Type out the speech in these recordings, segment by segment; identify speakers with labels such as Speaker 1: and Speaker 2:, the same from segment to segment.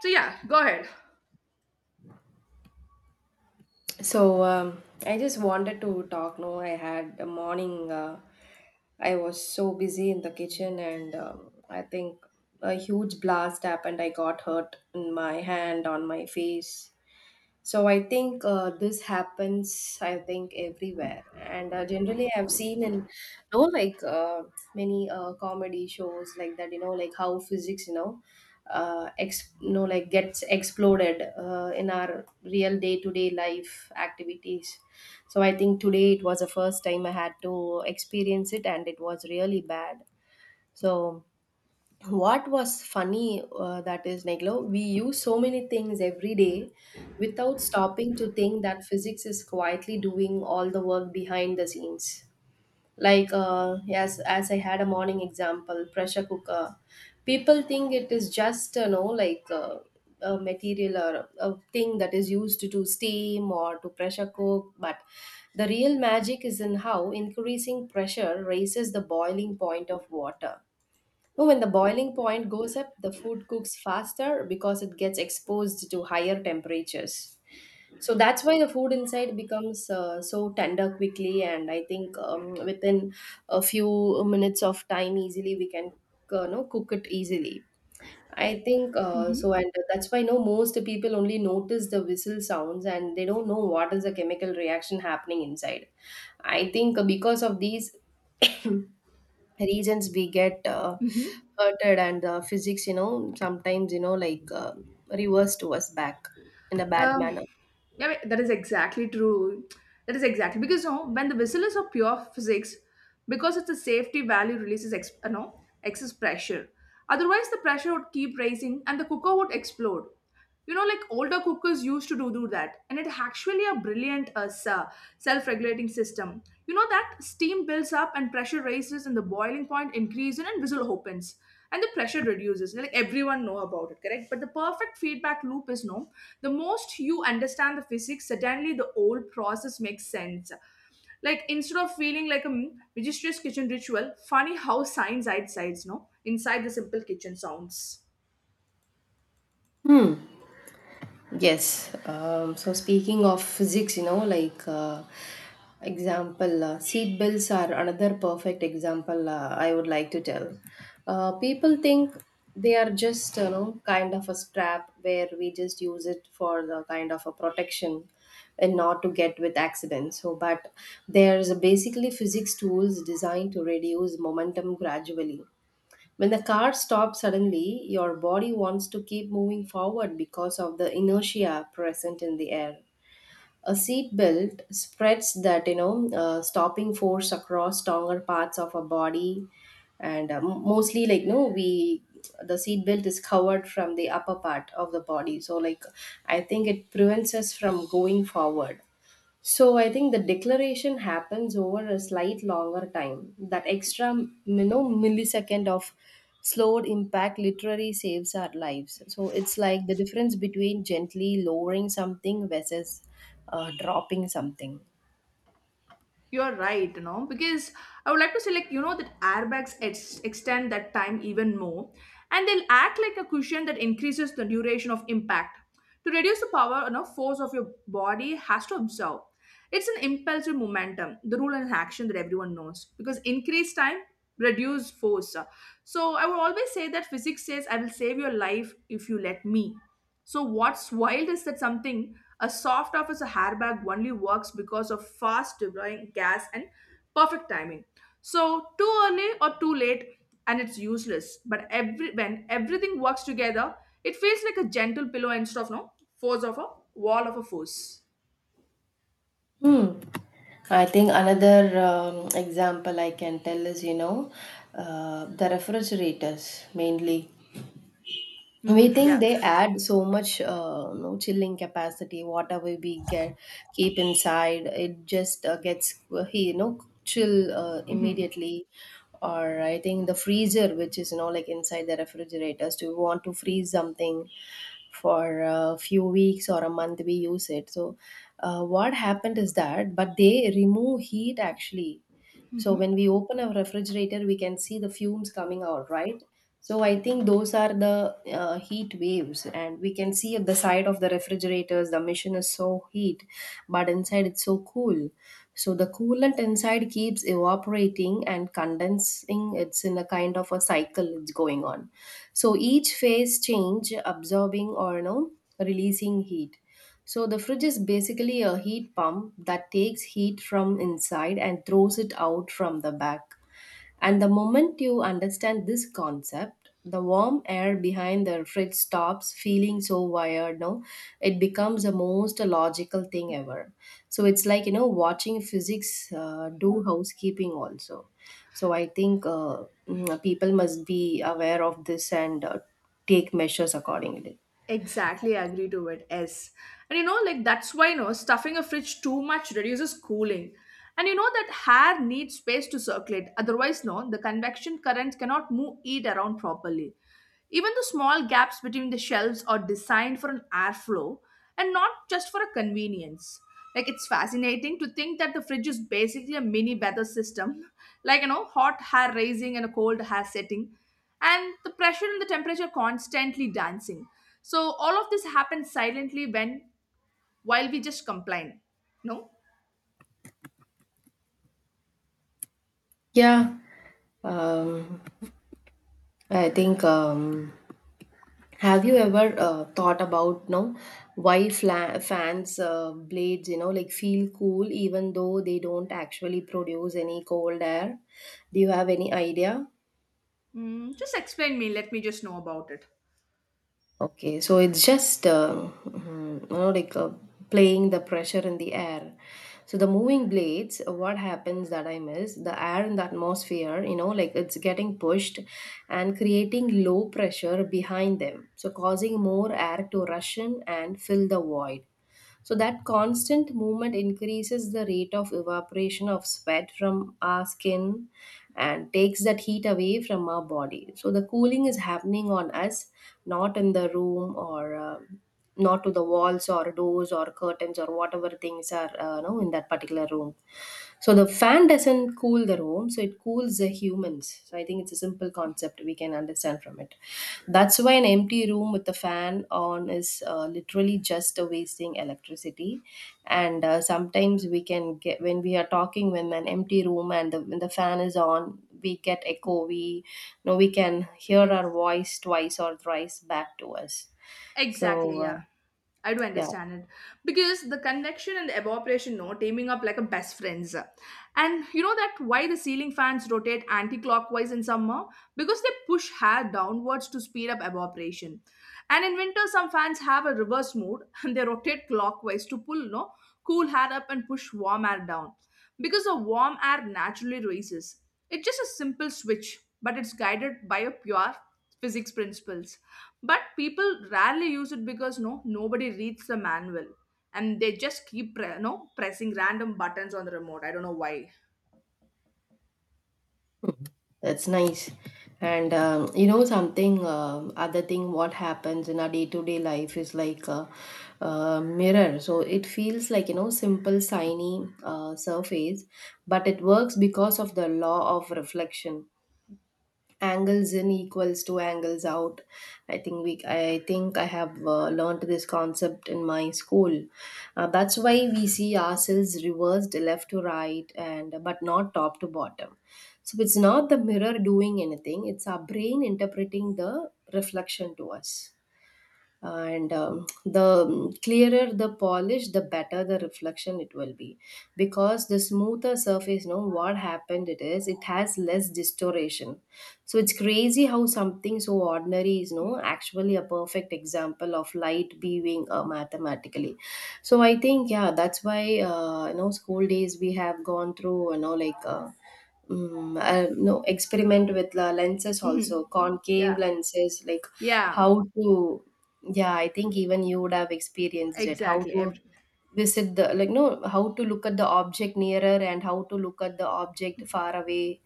Speaker 1: So yeah, go ahead.
Speaker 2: I just wanted to talk. No, I had a morning. I was so busy in the kitchen, and I think a huge blast happened. I got hurt in my hand, on my face. So I think this happens, I think, everywhere. And generally, I've seen in, you know, many comedy shows like that, you know, like how physics, you know, like gets exploded in our real day-to-day life activities. So I think today it was the first time I had to experience it, and it was really bad. So what was funny that is, like, you know, we use so many things every day without stopping to think that physics is quietly doing all the work behind the scenes, yes. As I had a morning example, pressure cooker, people think it is just, you know, a material or a thing that is used to do steam or to pressure cook, but the real magic is in how increasing pressure raises the boiling point of water. No, when the boiling point goes up, the food cooks faster because it gets exposed to higher temperatures. So that's why the food inside becomes so tender quickly, and I think within a few minutes of time, easily we can know, cook it easily. I think
Speaker 1: Mhm.
Speaker 2: so, and that's why, no, most people only notice the whistle sounds and they don't know what is the chemical reaction happening inside. I think because of these reasons we get
Speaker 1: Hmm.
Speaker 2: hurted, and physics, you know, sometimes, you know, reverse to us back in a bad
Speaker 1: Um,
Speaker 2: manner.
Speaker 1: yeah, wait, that is exactly true. That is exactly because you know, when the whistle is of pure physics, because it's a safety value releases no, excess pressure. Otherwise, the pressure would keep rising and the cooker would explode. You know, like older cookers used to do that, and it actually a brilliant self-regulating system. You know that steam builds up and pressure rises, and the boiling point increases, and whistle opens. And the pressure reduces like everyone know about it, correct? But the perfect feedback loop is, no, the most you understand the physics, suddenly the old process makes sense, like instead of feeling like a mysterious kitchen ritual. Funny how science hides sides, no, inside the simple kitchen sounds.
Speaker 2: Yes. So speaking of physics, you know, example, seat belts are another perfect example. I would like to tell. People think they are just, you know, kind of a strap where we just use it for the kind of a protection and not to get with accidents. So, but there's basically physics tools designed to reduce momentum gradually. When the car stops suddenly, your body wants to keep moving forward because of the inertia present in the air. A seat belt spreads that, you know, stopping force across stronger parts of our body, and mostly, like, no, we the seat belt is covered from the upper part of the body. So like I think it prevents us from going forward. So I think the declaration happens over a slight longer time. That extra, you know, millisecond of slowed impact literally saves our lives. So it's like the difference between gently lowering something versus dropping something.
Speaker 1: You're right, you know, because I would like to say, like, you know, that airbags extend that time even more, and they'll act like a cushion that increases the duration of impact. To reduce the power and you know, force of your body has to absorb. It's an impulsive momentum, the rule and action that everyone knows. Because increase time, reduce force. So I would always say that physics says, I will save your life if you let me. So what's wild is that something as soft off as a airbag only works because of fast deploying gas and perfect timing. So too early or too late and it's useless. But every when everything works together, it feels like a gentle pillow instead of no force of a wall of a force.
Speaker 2: Hmm. I think another example I can tell is, you know, the refrigerators mainly. We
Speaker 1: Hmm.
Speaker 2: think
Speaker 1: Yeah.
Speaker 2: they add so much, no, chilling capacity. Whatever we get keep inside it just gets you know, chill
Speaker 1: Mhm.
Speaker 2: immediately. Or I think the freezer, which is, you know, like inside the refrigerators, do you want to freeze something for a few weeks or a month, we use it. So what happened is that, but they remove heat actually. So when we open a refrigerator, we can see the fumes coming out, right? So I think those are the heat waves, and we can see at the side of the refrigerators, the machine is so heat, but inside it's so cool. So the coolant inside keeps evaporating and condensing. It's in a kind of a cycle, it's going on. So each phase change, absorbing or, no, releasing heat. So the fridge is basically a heat pump that takes heat from inside and throws it out from the back. And the moment you understand this concept, the warm air behind the fridge stops feeling so wired. No, it becomes the most logical thing ever. So it's like, you know, watching physics do housekeeping also. So I think people must be aware of this, and take measures accordingly.
Speaker 1: Exactly agree to it. Yes. And you know, like that's why you know stuffing a fridge too much reduces cooling. And you know that hair needs space to circulate. Otherwise, no, the convection currents cannot move it around properly. Even the small gaps between the shelves are designed for an airflow and not just for a convenience. Like it's fascinating to think that the fridge is basically a mini weather system, like you know, hot air raising and a cold air setting, and the pressure and the temperature constantly dancing. So all of this happens silently when while we just complain. No?
Speaker 2: Yeah, um, I think. Have you ever thought about, no, why fans blades, you know, like feel cool even though they don't actually produce any cold air? Do you have any idea?
Speaker 1: Just explain me, let me just know about it.
Speaker 2: Okay, so it's just you know, playing the pressure in the air. So the moving blades, what happens, that I miss the air in the atmosphere, you know, like it's getting pushed and creating low pressure behind them, so causing more air to rush in and fill the void. So that constant movement increases the rate of evaporation of sweat from our skin and takes that heat away from our body. So the cooling is happening on us, not in the room, or um, not to the walls or doors or curtains or whatever things are, you know, in that particular room. So the fan doesn't cool the room, so it cools the humans. So I think it's a simple concept we can understand from it. That's why an empty room with the fan on is literally just a wasting electricity. And sometimes we can get when we are talking, when an empty room and the, when the fan is on, we get echo. We you know we can hear
Speaker 1: Yes.
Speaker 2: our voice twice or thrice back to us. So
Speaker 1: Exactly, yeah. I do
Speaker 2: yeah.
Speaker 1: understand it. Because the convection and the evaporation, no, teaming up like a best friends. And you know that why the ceiling fans rotate anti-clockwise in summer? Because they push hair downwards to speed up evaporation. And in winter, some fans have a reverse mode and they rotate clockwise to pull, no, cool hair up and push warm air down. Because the warm air naturally rises. It's just a simple switch, but it's guided by a pure physics principles, but people rarely use it because no nobody reads the manual, and they just keep no pressing random buttons on the remote, I don't know why.
Speaker 2: That's nice. And you know something, um, other thing, what happens in our day-to-day life is like a mirror. So it feels like, you know, simple, shiny surface, but it works because of the law of reflection, angles in equals to angles out. I think we i think i have learned this concept in my school. That's why we see ourselves reversed left to right and but not top to bottom. So it's not the mirror doing anything, it's our brain interpreting the reflection to us. And the clearer the polish, the better the reflection it will be, because the smoother surface, you know what happened it is, it has less distortion. So it's crazy how something so ordinary is, no, actually a perfect example of light being mathematically. So I think, yeah, that's why you know, school days we have gone through, you know, no, experiment with lenses, also
Speaker 1: Hmm. Yeah,
Speaker 2: concave lenses, like
Speaker 1: yeah,
Speaker 2: how to, yeah, I think even you would have experienced it. How
Speaker 1: exactly.
Speaker 2: to visit the, like, no, how to look at the object nearer and how to look at the object far away.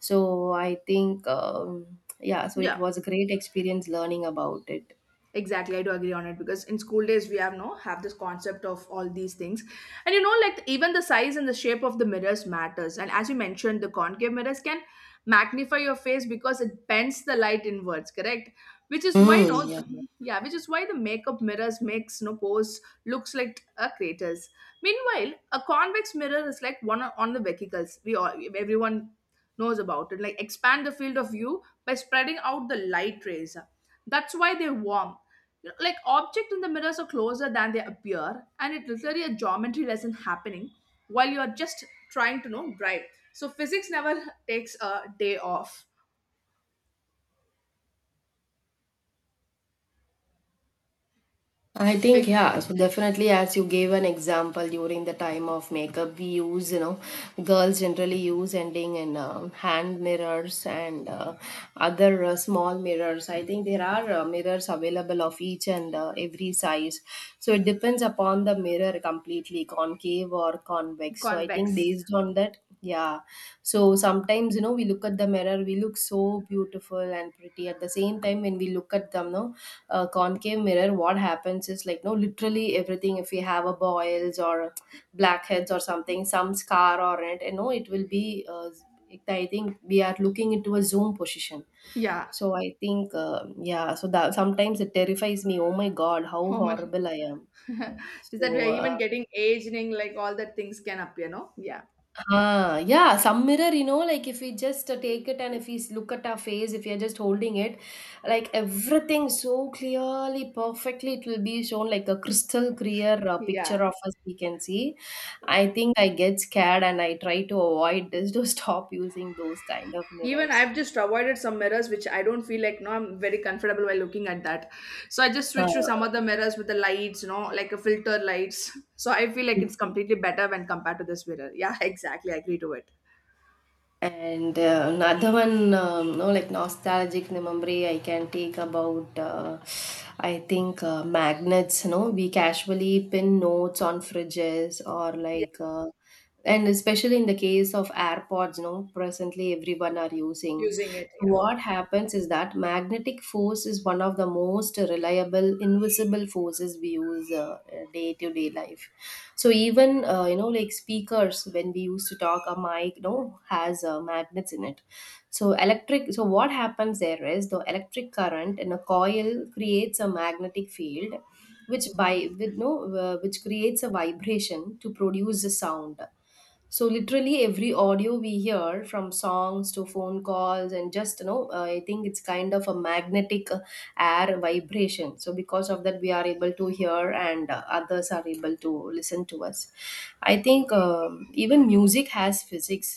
Speaker 2: So I think yeah, so it
Speaker 1: Yeah.
Speaker 2: was a great experience learning about it.
Speaker 1: Exactly, I do agree on it because in school days we have, no, have this concept of all these things, and you know like even the size and the shape of the mirrors matters. And as you mentioned, the concave mirrors can magnify your face because it bends the light inwards, correct? Which is why you
Speaker 2: Mm,
Speaker 1: know,
Speaker 2: yeah.
Speaker 1: yeah, which is why the makeup mirrors makes no pose looks like a craters. Meanwhile, a convex mirror is like one on the vehicles. We all everyone knows about it. Like expand the field of view by spreading out the light rays. That's why they're warm, like object in the mirrors are closer than they appear, and it's literally a geometry lesson happening while you're just trying to know drive. So physics never takes a day off.
Speaker 2: I think,
Speaker 1: Like
Speaker 2: yeah, so definitely as you gave an example, during the time of makeup, we use, you know, girls generally use ending in hand mirrors and other small mirrors. I think there are mirrors available of each and every size, so it depends upon the mirror completely, concave or convex. So I think
Speaker 1: convex,
Speaker 2: based on that, yeah. So sometimes, you know, we look at the mirror, we look so beautiful and pretty. At the same time, when we look at them, no, concave mirror, what happens is like, no, literally everything, if we have a boils or blackheads or something, some scar or it, you know, it will be, I think we are looking into a zoom position.
Speaker 1: yeah,
Speaker 2: So I think, yeah, so that sometimes it terrifies me. Oh my God, how
Speaker 1: homer.
Speaker 2: horrible I am.
Speaker 1: Is that we
Speaker 2: So,
Speaker 1: are even getting aging, like all that things can appear, no? Yeah.
Speaker 2: ah, yeah, some mirror, you know, like if we just take it, and if we look at our face, if we are just holding it, like everything so clearly, perfectly, it will be shown like a crystal clear picture
Speaker 1: Yeah,
Speaker 2: of us we can see. I think I get scared and I try to avoid this to stop using those kind of
Speaker 1: even
Speaker 2: mirrors.
Speaker 1: I've just avoided some mirrors which I don't feel like, no, I'm very comfortable while looking at that. So I just switch to
Speaker 2: Uh,
Speaker 1: some other mirrors with the lights, you know, like a filter lights. So I feel like it's completely better when compared to this mirror. Yeah. Exactly, I agree to it.
Speaker 2: And another one, no, like nostalgic memory I can take about, I think magnets. No, we casually pin notes on fridges or
Speaker 1: Yeah,
Speaker 2: like, and especially in the case of AirPods, no, presently everyone are using.
Speaker 1: using it.
Speaker 2: So
Speaker 1: Yeah,
Speaker 2: what happens is that magnetic force is one of the most reliable invisible forces we use day to day life. So even you know like speakers when we used to talk a mic, you know, has magnets in it. So electric, so what happens there is the electric current in a coil creates a magnetic field which by with no which creates a vibration to produce a sound. So literally every audio we hear from songs to phone calls and just I think it's kind of a magnetic air vibration. So because of that we are able to hear and others are able to listen to us. I think even music has physics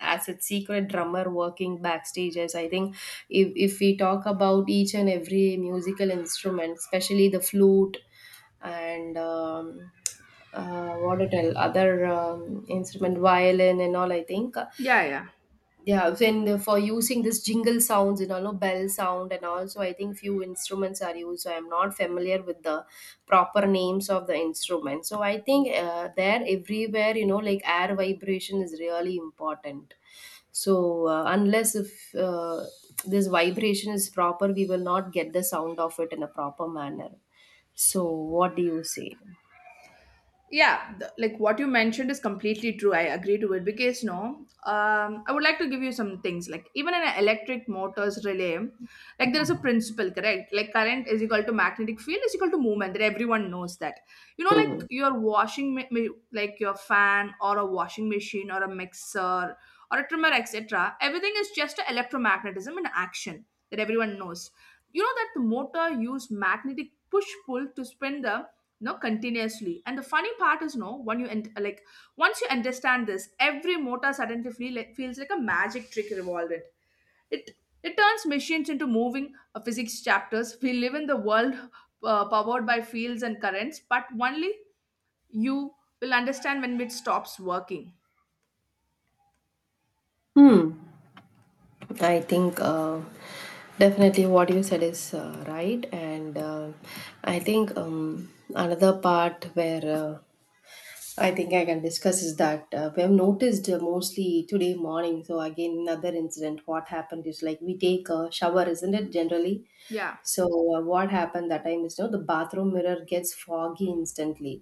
Speaker 2: as its secret drummer working backstages. I think if we talk about each and every musical instrument, especially the flute and what it tell other instrument, violin and all, I think.
Speaker 1: yeah, yeah,
Speaker 2: Yeah, and for using this jingle sounds, you know, no, bell sound, and also I think few instruments are used. So I'm not familiar with the proper names of the instruments. So I think there everywhere, you know, like air vibration is really important. So unless if this vibration is proper, we will not get the sound of it in a proper manner. So what do you say?
Speaker 1: yeah, like what you mentioned is completely true. I agree to it because, no, I would like to give you some things, like even in an electric motors relay, like there is a principle, correct, like current is equal to magnetic field is equal to movement. That everyone knows that, you know,
Speaker 2: Hmm.
Speaker 1: like your like your fan or a washing machine or a mixer or a trimmer, etc. Everything is just a electromagnetism in action, that everyone knows. You know that the motor use magnetic push pull to spin the, no, continuously. And the funny part is, no, when you, and like, once you understand this, every motor suddenly feels like a magic trick involved in it. It it turns machines into moving physics chapters. We live in the world powered by fields and currents, but only you will understand when it stops working.
Speaker 2: I think definitely what you said is right, and I think another part where I think I can discuss is that we have noticed mostly today morning. So again, another incident. What happened is like we take a shower, isn't it? Generally,
Speaker 1: Yeah,
Speaker 2: so what happened that time is, you know, the bathroom mirror gets foggy instantly,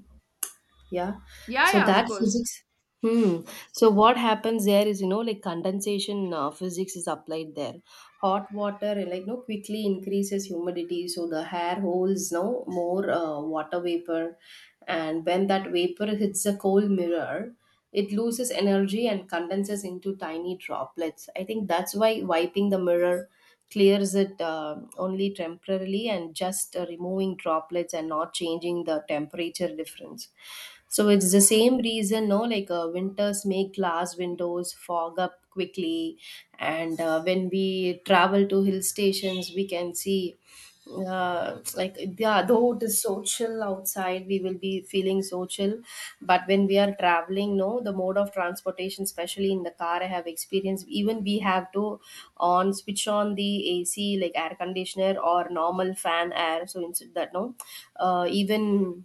Speaker 2: yeah.
Speaker 1: yeah,
Speaker 2: So
Speaker 1: yeah, of
Speaker 2: that
Speaker 1: course.
Speaker 2: physics, hmm, so what happens there is, you know, like condensation physics is applied there. Hot water, eh, like, you know, quickly increases humidity, so the hair holds no more water vapor, and when that vapor hits a cold mirror, it loses energy and condenses into tiny droplets. I think that's why wiping the mirror clears it only temporarily and just removing droplets and not changing the temperature difference. So it's the same reason, no, like winters make glass windows fog up quickly, and when we travel to hill stations we can see, like, yeah, though it is so chill outside, we will be feeling so chill. But when we are traveling, no, the mode of transportation, especially in the car, I have experienced, even we have to on switch on the AC, like air conditioner or normal fan air. So instead that, no, even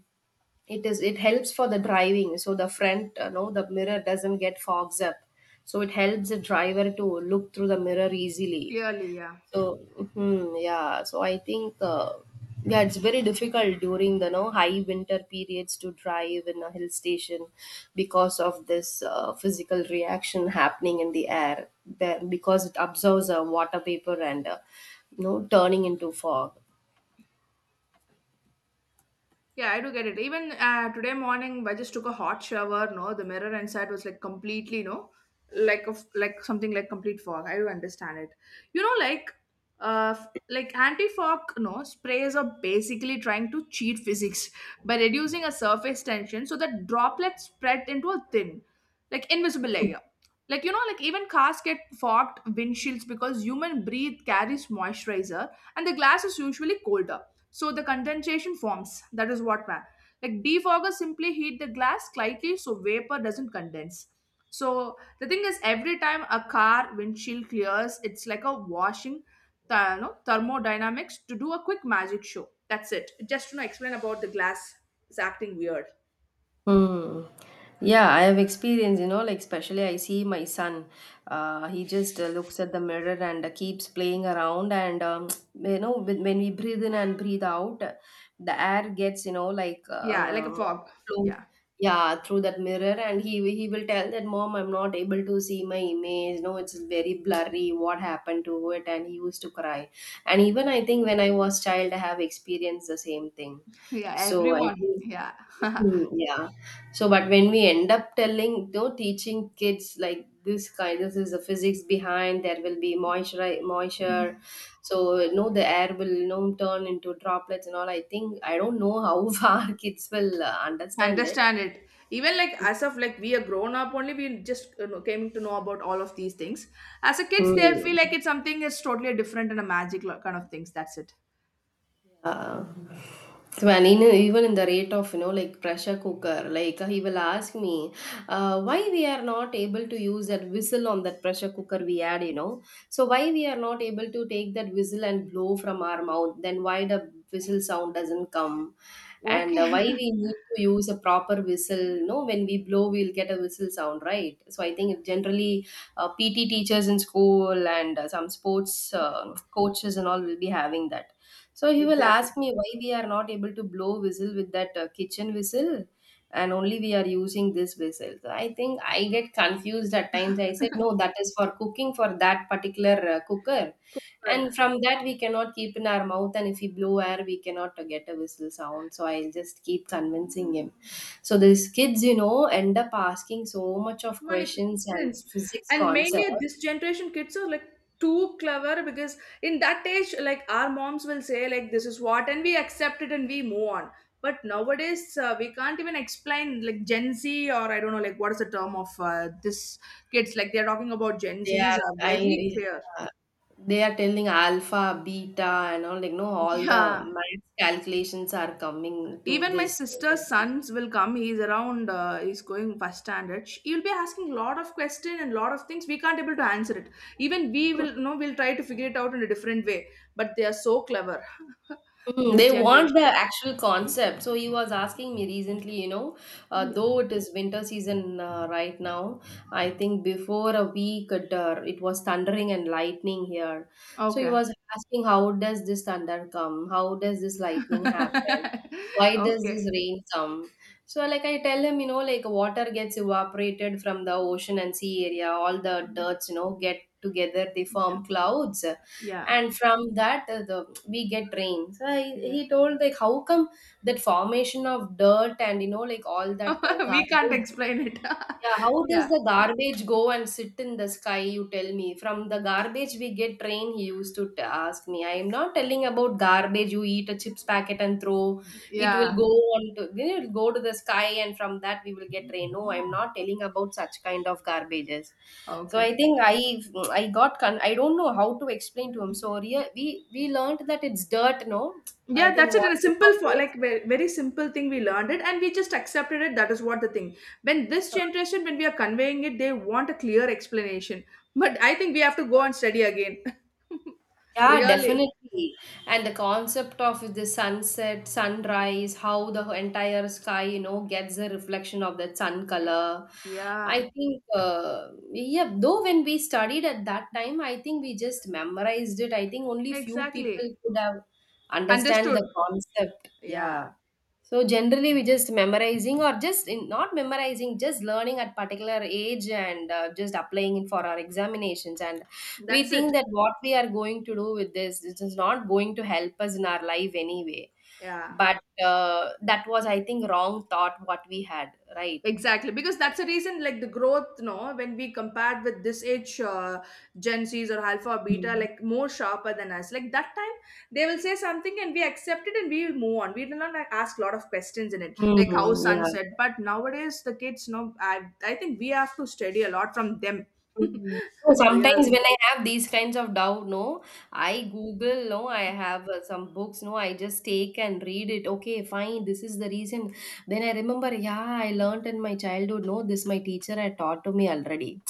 Speaker 2: it is, it helps for the driving, so the front no, the mirror doesn't get fogs up, so it helps the driver to look through the mirror easily.
Speaker 1: Clearly, yeah.
Speaker 2: So, hmm, yeah, so I think, yeah, it's very difficult during the no high winter periods to drive in a hill station because of this physical reaction happening in the air there, because it absorbs water vapor and you know, turning into fog.
Speaker 1: Yeah, I do get it. Even today morning, I just took a hot shower. No, the mirror inside was like completely no, like of like something like complete fog. I do understand it. You know, like like anti fog. No sprays are basically trying to cheat physics by reducing a surface tension so that droplets spread into a thin, like invisible layer, like you know like even cars get fogged windshields because human breathe carries moisturizer, and the glass is usually colder, so the condensation forms, that is what man. Like defoggers simply heat the glass slightly so vapor doesn't condense. So the thing is every time a car windshield clears, it's like a washing you know, thermodynamics to do a quick magic show. That's it, just to you know, explain about the glass is acting weird.
Speaker 2: Hmm. Yeah, I have experience, you know, like especially I see my son. He just looks at the mirror and keeps playing around. And you know, when we breathe in and breathe out, the air gets, you know, like,
Speaker 1: Yeah, like a fog.
Speaker 2: flow,
Speaker 1: Yeah.
Speaker 2: yeah, through that mirror. And he will tell that, Mom, I'm not able to see my image. No, it's very blurry. What happened to it? And he used to cry. And even I think when I was child, I have experienced the same thing.
Speaker 1: Yeah,
Speaker 2: So I
Speaker 1: everyone.
Speaker 2: think,
Speaker 1: Yeah.
Speaker 2: hmm, yeah. So, but when we end up telling, no, teaching kids like this kind, this is the physics behind. There will be moisture, moisture. So, no, the air will, you know, turn into droplets and all. I think I don't know how far kids will understand it.
Speaker 1: Understand it, even like as of like we are grown up only, we just you know, came to know about all of these things. As a kids they'll feel
Speaker 2: Hmm.
Speaker 1: like it's something is totally different and a magic kind of things, that's it.
Speaker 2: Uh, so, and in, even in the rate of, you know, like pressure cooker, like he will ask me why we are not able to use that whistle on that pressure cooker we had, you know. So why we are not able to take that whistle and blow from our mouth, then why the whistle sound doesn't come. And
Speaker 1: Okay.
Speaker 2: why we need to use a proper whistle, you know, when we blow we'll get a whistle sound, right? So I think generally PT teachers in school and some sports coaches and all will be having that. So he will
Speaker 1: Exactly.
Speaker 2: ask me, why we are not able to blow whistle with that kitchen whistle and only we are using this whistle. So I think I get confused at times. I said, no, that is for cooking for that particular cooker. And
Speaker 1: Cooper.
Speaker 2: from that, we cannot keep in our mouth. And if we blow air, we cannot get a whistle sound. So I'll just keep convincing him. So these kids, you know, end up asking so much of
Speaker 1: Money
Speaker 2: questions and
Speaker 1: prints.
Speaker 2: physics
Speaker 1: And
Speaker 2: concepts.
Speaker 1: mainly this generation kids are like too clever because in that age, like our moms will say like this is what and we accept it and we move on. But nowadays we can't even explain like Gen Z or I don't know like what is the term of this kids. Like they're talking about Gen
Speaker 2: They
Speaker 1: Zs
Speaker 2: are
Speaker 1: are very
Speaker 2: I
Speaker 1: clear.
Speaker 2: uh, they are telling alpha, beta, and all, like, no, all the
Speaker 1: Yeah.
Speaker 2: math calculations are coming to
Speaker 1: Even my
Speaker 2: this
Speaker 1: sister's
Speaker 2: generation.
Speaker 1: sons will come. He's around. He's going first standard. He'll be asking a lot of questions and lot of things. We can't able to answer it. Even we will. No, we'll try to figure it out in a different way. But they are so clever.
Speaker 2: Mm,
Speaker 1: This
Speaker 2: they want
Speaker 1: generation.
Speaker 2: the actual concept. So he was asking me recently, you know,
Speaker 1: Yeah.
Speaker 2: though it is winter season right now, I think before a week it, it was thundering and lightning here. So he
Speaker 1: Okay.
Speaker 2: was asking, how does this thunder come? How does this lightning happen? Why does this
Speaker 1: Okay.
Speaker 2: rain come? So like I tell him, you know, like water gets evaporated from the ocean and sea area, all the
Speaker 1: Um,
Speaker 2: dirts, you know, get together, they form clouds,
Speaker 1: Yeah.
Speaker 2: and from that the we get rain. So
Speaker 1: Yeah.
Speaker 2: he told like, how come that formation of dirt and, you know, like, all that
Speaker 1: We can't
Speaker 2: garbage,
Speaker 1: explain it.
Speaker 2: yeah, how does
Speaker 1: Yeah.
Speaker 2: the garbage go and sit in the sky? You tell me. From the garbage we get train, he used to ask me. I am not telling about garbage. You eat a chips packet and throw, it will
Speaker 1: Yeah.
Speaker 2: go on to then it will go to the sky, and from that we will get rain. No, I am not telling about such kind of garbages. So
Speaker 1: Okay.
Speaker 2: I think I I don't know how to explain to him. So we learned that it's dirt. No, I
Speaker 1: Yeah,
Speaker 2: think
Speaker 1: that's it. In
Speaker 2: what
Speaker 1: a simple for,
Speaker 2: incorporates.
Speaker 1: like very, very simple thing we learned it and we just accepted it, that is what the thing. When this generation, when we are conveying it, they want a clear explanation, but I think we have to go and study again.
Speaker 2: Yeah,
Speaker 1: Really.
Speaker 2: definitely. And the concept of the sunset, sunrise, how the entire sky, you know, gets a reflection of that sun color. I
Speaker 1: Yeah,
Speaker 2: think, yeah, though when we studied at that time, I think we just memorized it. I think only few people
Speaker 1: exactly.
Speaker 2: could have understand
Speaker 1: Understood.
Speaker 2: the concept.
Speaker 1: Yeah,
Speaker 2: Yeah. So generally, we just memorizing or just in, not memorizing, just learning at particular age and just applying it for our examinations. And we
Speaker 1: that's it.
Speaker 2: think that what we are going to do with this, this is not going to help us in our life anyway.
Speaker 1: Yeah.
Speaker 2: But that was, I think, wrong thought what we had, right?
Speaker 1: Exactly, because that's the reason, like the growth, no, when we compared with this age, Gen Zs or Alpha or Beta,
Speaker 2: Mm.
Speaker 1: like more sharper than us. Like that time, they will say something and we accept it and we will move on. We will not like, ask a lot of questions in it, like how
Speaker 2: Mm, yeah.
Speaker 1: sunset. But nowadays, the kids, no, I think we have to study a lot from them.
Speaker 2: Mm. So
Speaker 1: Real,
Speaker 2: sometimes when I have these kinds of doubt, no,
Speaker 1: uh,
Speaker 2: I Google, no, I have some books, no, I just take and read it. Okay, fine, this is the reason. Then I remember, yeah, I learnt in my childhood, no, this my teacher had taught to me already.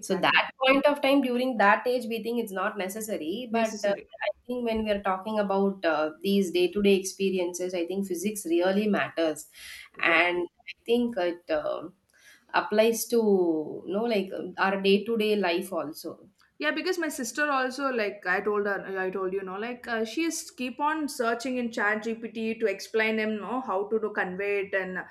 Speaker 2: So that point of time, during that age, we think it's not necessary. But
Speaker 1: necessary.
Speaker 2: I think when we are talking about these day-to-day experiences, I think physics really matters,
Speaker 1: Yeah.
Speaker 2: and I think it applies to, you know, like our day-to-day life also.
Speaker 1: Yeah, because my sister also like I told her like, I told you know like she is keep on searching in Chat GPT to explain him know how to do convey it and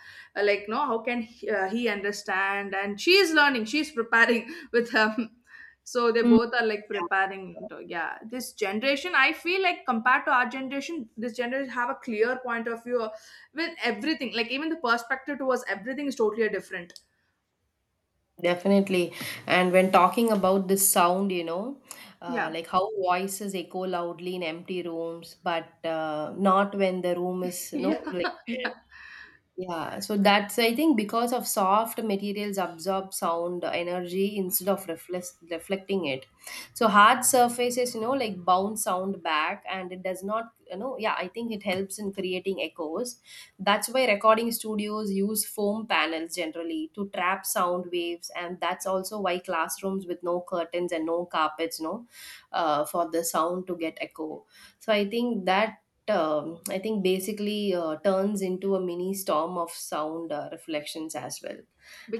Speaker 1: like no how can he understand, and she is learning, she is preparing with him. So they
Speaker 2: Mm,
Speaker 1: both are like
Speaker 2: yeah.
Speaker 1: preparing to, yeah, this generation I feel like compared to our generation this generation have a clear point of view with everything, like even the perspective towards everything is totally different.
Speaker 2: Definitely. And when talking about this sound, you know,
Speaker 1: Yeah.
Speaker 2: like how voices echo loudly in empty rooms, but not when the room is, you know,
Speaker 1: Yeah,
Speaker 2: like.
Speaker 1: yeah,
Speaker 2: Yeah, so that's I think because of soft materials absorb sound energy instead of reflecting it. So hard surfaces, you know, like bounce sound back, and it does not, you know, yeah, I think it helps in creating echoes. That's why recording studios use foam panels generally to trap sound waves, and that's also why classrooms with no curtains and no carpets, you know, for the sound to get echo. So I think that I think basically turns into a mini storm of sound reflections as well.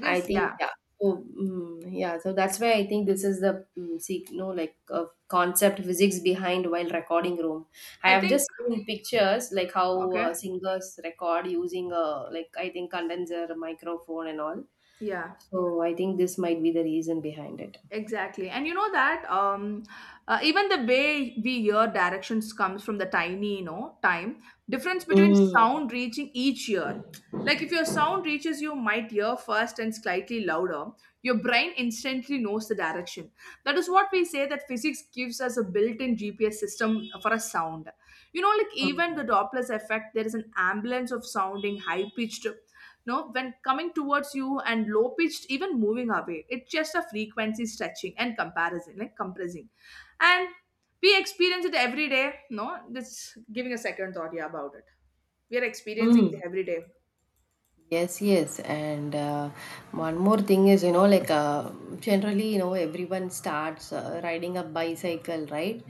Speaker 2: I think,
Speaker 1: yeah,
Speaker 2: yeah. So mm, yeah, so that's why I think this is the mm, see, no, like concept physics behind while recording room. I
Speaker 1: I
Speaker 2: have
Speaker 1: think.
Speaker 2: just seen pictures like how
Speaker 1: Okay.
Speaker 2: singers record using a like I think condenser microphone and all.
Speaker 1: Yeah,
Speaker 2: So I think this might be the reason behind it.
Speaker 1: exactly. And you know that even the way we hear directions comes from the tiny, you know, time difference between
Speaker 2: Mm.
Speaker 1: sound reaching each ear. Like if your sound reaches you might ear first and slightly louder, your brain instantly knows the direction. That is what we say, that physics gives us a built-in GPS system for a sound. You know, like even the
Speaker 2: Mm.
Speaker 1: Doppler's effect, there is an ambulance of sounding high-pitched, no, when coming towards you and low pitched, even moving away it's just a frequency stretching and comparison, like compressing. And we experience it every day, no, just giving a second thought, yeah, about it, we are experiencing it
Speaker 2: Mm.
Speaker 1: every day.
Speaker 2: Yes, yes, and one more thing is, you know, like, generally, you know, everyone starts riding a bicycle, right?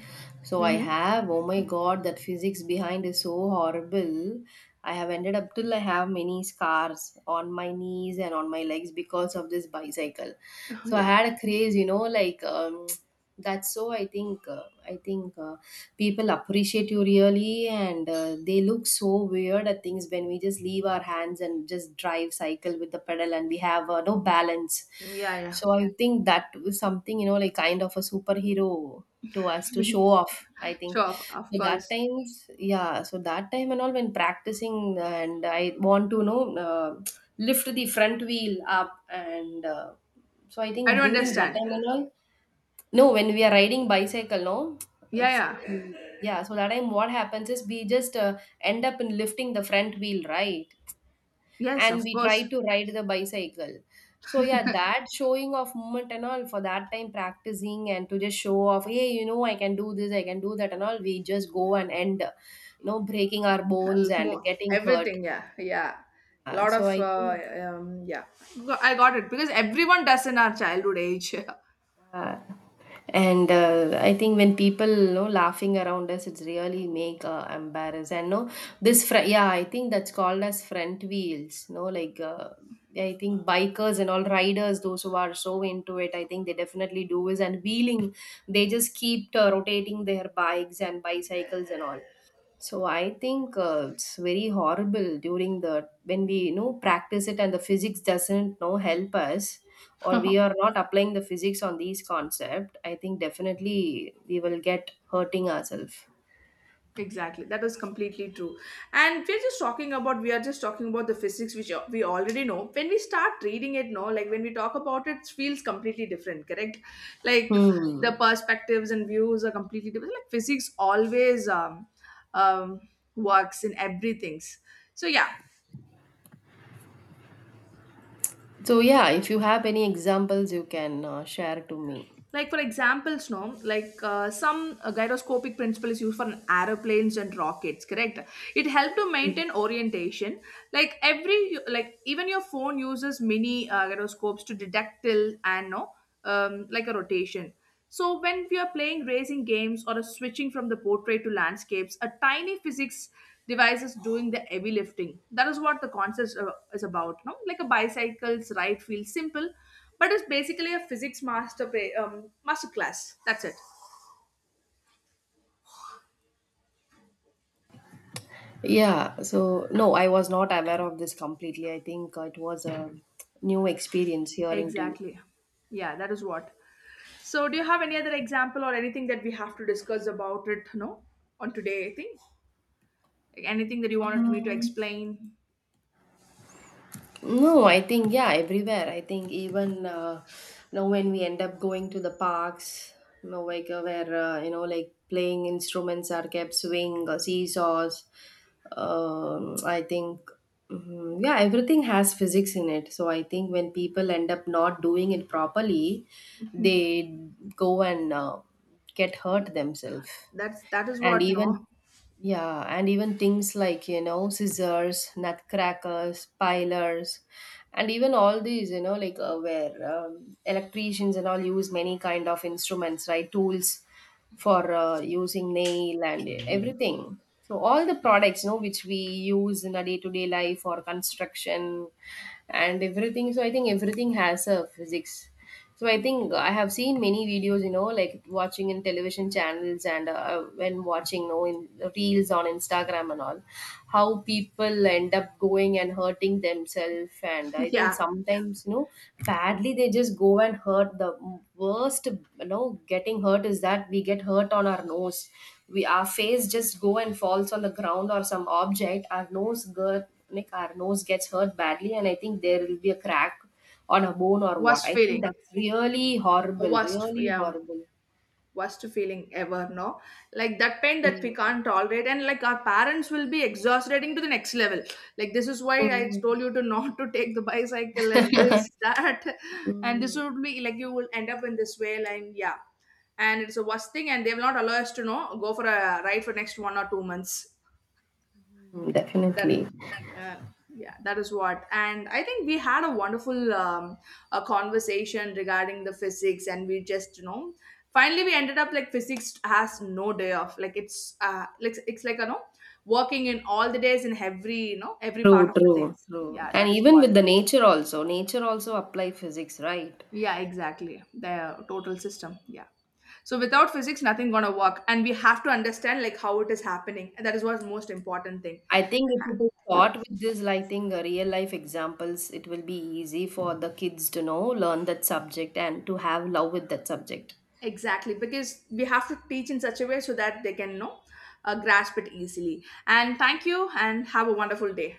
Speaker 2: So I
Speaker 1: Mm-hmm.
Speaker 2: have, oh my God, that physics behind is so horrible. I have ended up till I have many scars on my knees and on my legs because of this bicycle.
Speaker 1: Oh
Speaker 2: So I
Speaker 1: yeah,
Speaker 2: had a craze, you know, like that's so. I think, I think. People appreciate you really and they look so weird at things when we just leave our hands and just drive cycle with the pedal and we have no balance.
Speaker 1: yeah,
Speaker 2: So I think that was something, you know, like kind of a superhero to us to
Speaker 1: yeah.
Speaker 2: show off, I think.
Speaker 1: Sure, of
Speaker 2: So that
Speaker 1: course.
Speaker 2: times, yeah, so that time and all when practicing and I want to, you know, lift the front wheel up and so I
Speaker 1: I
Speaker 2: think
Speaker 1: don't
Speaker 2: during that
Speaker 1: understand.
Speaker 2: time and all, no, when we are riding bicycle, no?
Speaker 1: Yeah, yeah,
Speaker 2: Yeah, so that time what happens is we just end up in lifting the front wheel, right?
Speaker 1: yes,
Speaker 2: And
Speaker 1: of
Speaker 2: we try
Speaker 1: course.
Speaker 2: to ride the bicycle. So yeah, that showing off moment and all for that time practicing and to just show off, hey, you know, I can do this, I can do that and all. We just go and end, no, breaking our bones and
Speaker 1: More
Speaker 2: getting hurt.
Speaker 1: everything, yeah, yeah. Lot of
Speaker 2: So I think.
Speaker 1: yeah. I got it, because everyone does in our childhood age.
Speaker 2: Yeah. And I think when people, you know, laughing around us, it's really make embarrassed. And no, this yeah, I think that's called as front wheels. No, like yeah, I think bikers and all riders, those who are so into it, I think they definitely do is and wheeling. They just keep rotating their bikes and bicycles and all. So I think it's very horrible during the when we, you know, practice it, and the physics doesn't know help us or we are not applying the physics on these concept. I think definitely we will get hurting ourselves.
Speaker 1: Exactly, that is completely true. And we're just talking about we are just talking about the physics which we already know. When we start reading it, no, like when we talk about it, it feels completely different, correct? Like the
Speaker 2: Hmm.
Speaker 1: perspectives and views are completely different. Like physics always um, works in everything. So yeah,
Speaker 2: So yeah, if you have any examples, you can share to me.
Speaker 1: like for examples, no, like some gyroscopic principle is used for aeroplanes and rockets, correct, it helps to maintain orientation. Like every, like even your phone uses mini gyroscopes to detect till and, no, like a rotation. So, when we are playing racing games or switching from the portrait to landscapes, a tiny physics device is doing the heavy lifting. That is what the concept is about. No? Like a bicycle's ride feels simple, but it's basically a physics master play, master class. That's it.
Speaker 2: Yeah, so no, I was not aware of this completely. I think it was a new experience hearing to you.
Speaker 1: Exactly. Yeah, that is what. So, do you have any other example or anything that we have to discuss about it? No, on today, I think. Like anything that you wanted me to
Speaker 2: Um,
Speaker 1: explain.
Speaker 2: No, I think, yeah, everywhere. I think even you know, when we end up going to the parks, you know, like where you know, like playing instruments are kept, swing or seesaws. I think, mm, yeah, everything has physics in it. So I think when people end up not doing it properly, they go and get hurt themselves.
Speaker 1: That's that is
Speaker 2: And
Speaker 1: what. No.
Speaker 2: even, yeah, and even things like, you know, scissors, nutcrackers, pilers, and even all these, you know, like where electricians and all use many kind of instruments, right, tools for using nail and everything. So all the products, you know, which we use in a day-to-day life or construction and everything, so I think everything has a physics. So I think I have seen many videos, you know, like watching in television channels and when watching, you know, in reels on Instagram and all, how people end up going and hurting themselves. And I think
Speaker 1: Yeah.
Speaker 2: sometimes, you know, badly they just go and hurt. The worst, you know, getting hurt is that we get hurt on our nose. We our face just go and falls on the ground or some object. Our nose, girl, like our nose gets hurt badly, and I think there will be a crack on a bone or what.
Speaker 1: Worst
Speaker 2: I think
Speaker 1: feeling.
Speaker 2: that's really horrible,
Speaker 1: Worst,
Speaker 2: really
Speaker 1: yeah.
Speaker 2: horrible.
Speaker 1: Worst feeling ever, no, like that pain that we
Speaker 2: Mm,
Speaker 1: can't tolerate, and like our parents will be exasperating to the next level, like this is why I
Speaker 2: mm,
Speaker 1: told you to not to take the bicycle and this that, and this
Speaker 2: mm,
Speaker 1: would be like you will end up in this way, and yeah, and it's the worst thing, and they will not allow us to know go for a ride for next 1 or 2 months.
Speaker 2: mm,
Speaker 1: That
Speaker 2: definitely.
Speaker 1: uh, yeah, that is what. And I think we had a wonderful a conversation regarding the physics, and we just you know, finally we ended up like physics has no day off, like it's like it's, like you know, working in all the days in every you know every part
Speaker 2: True,
Speaker 1: of the
Speaker 2: true,
Speaker 1: things,
Speaker 2: true.
Speaker 1: yeah,
Speaker 2: And
Speaker 1: that is
Speaker 2: even
Speaker 1: what.
Speaker 2: with the nature also apply physics, right?
Speaker 1: Yeah, exactly, the total system, yeah. So without physics nothing gonna work, and we have to understand like how it is happening, and that is what's most important thing.
Speaker 2: I think if it is taught with this, I think real life examples, it will be easy for the kids to know, learn that subject, and to have love with that subject.
Speaker 1: Exactly, because we have to teach in such a way so that they can you know grasp it easily. And thank you, and have a wonderful day.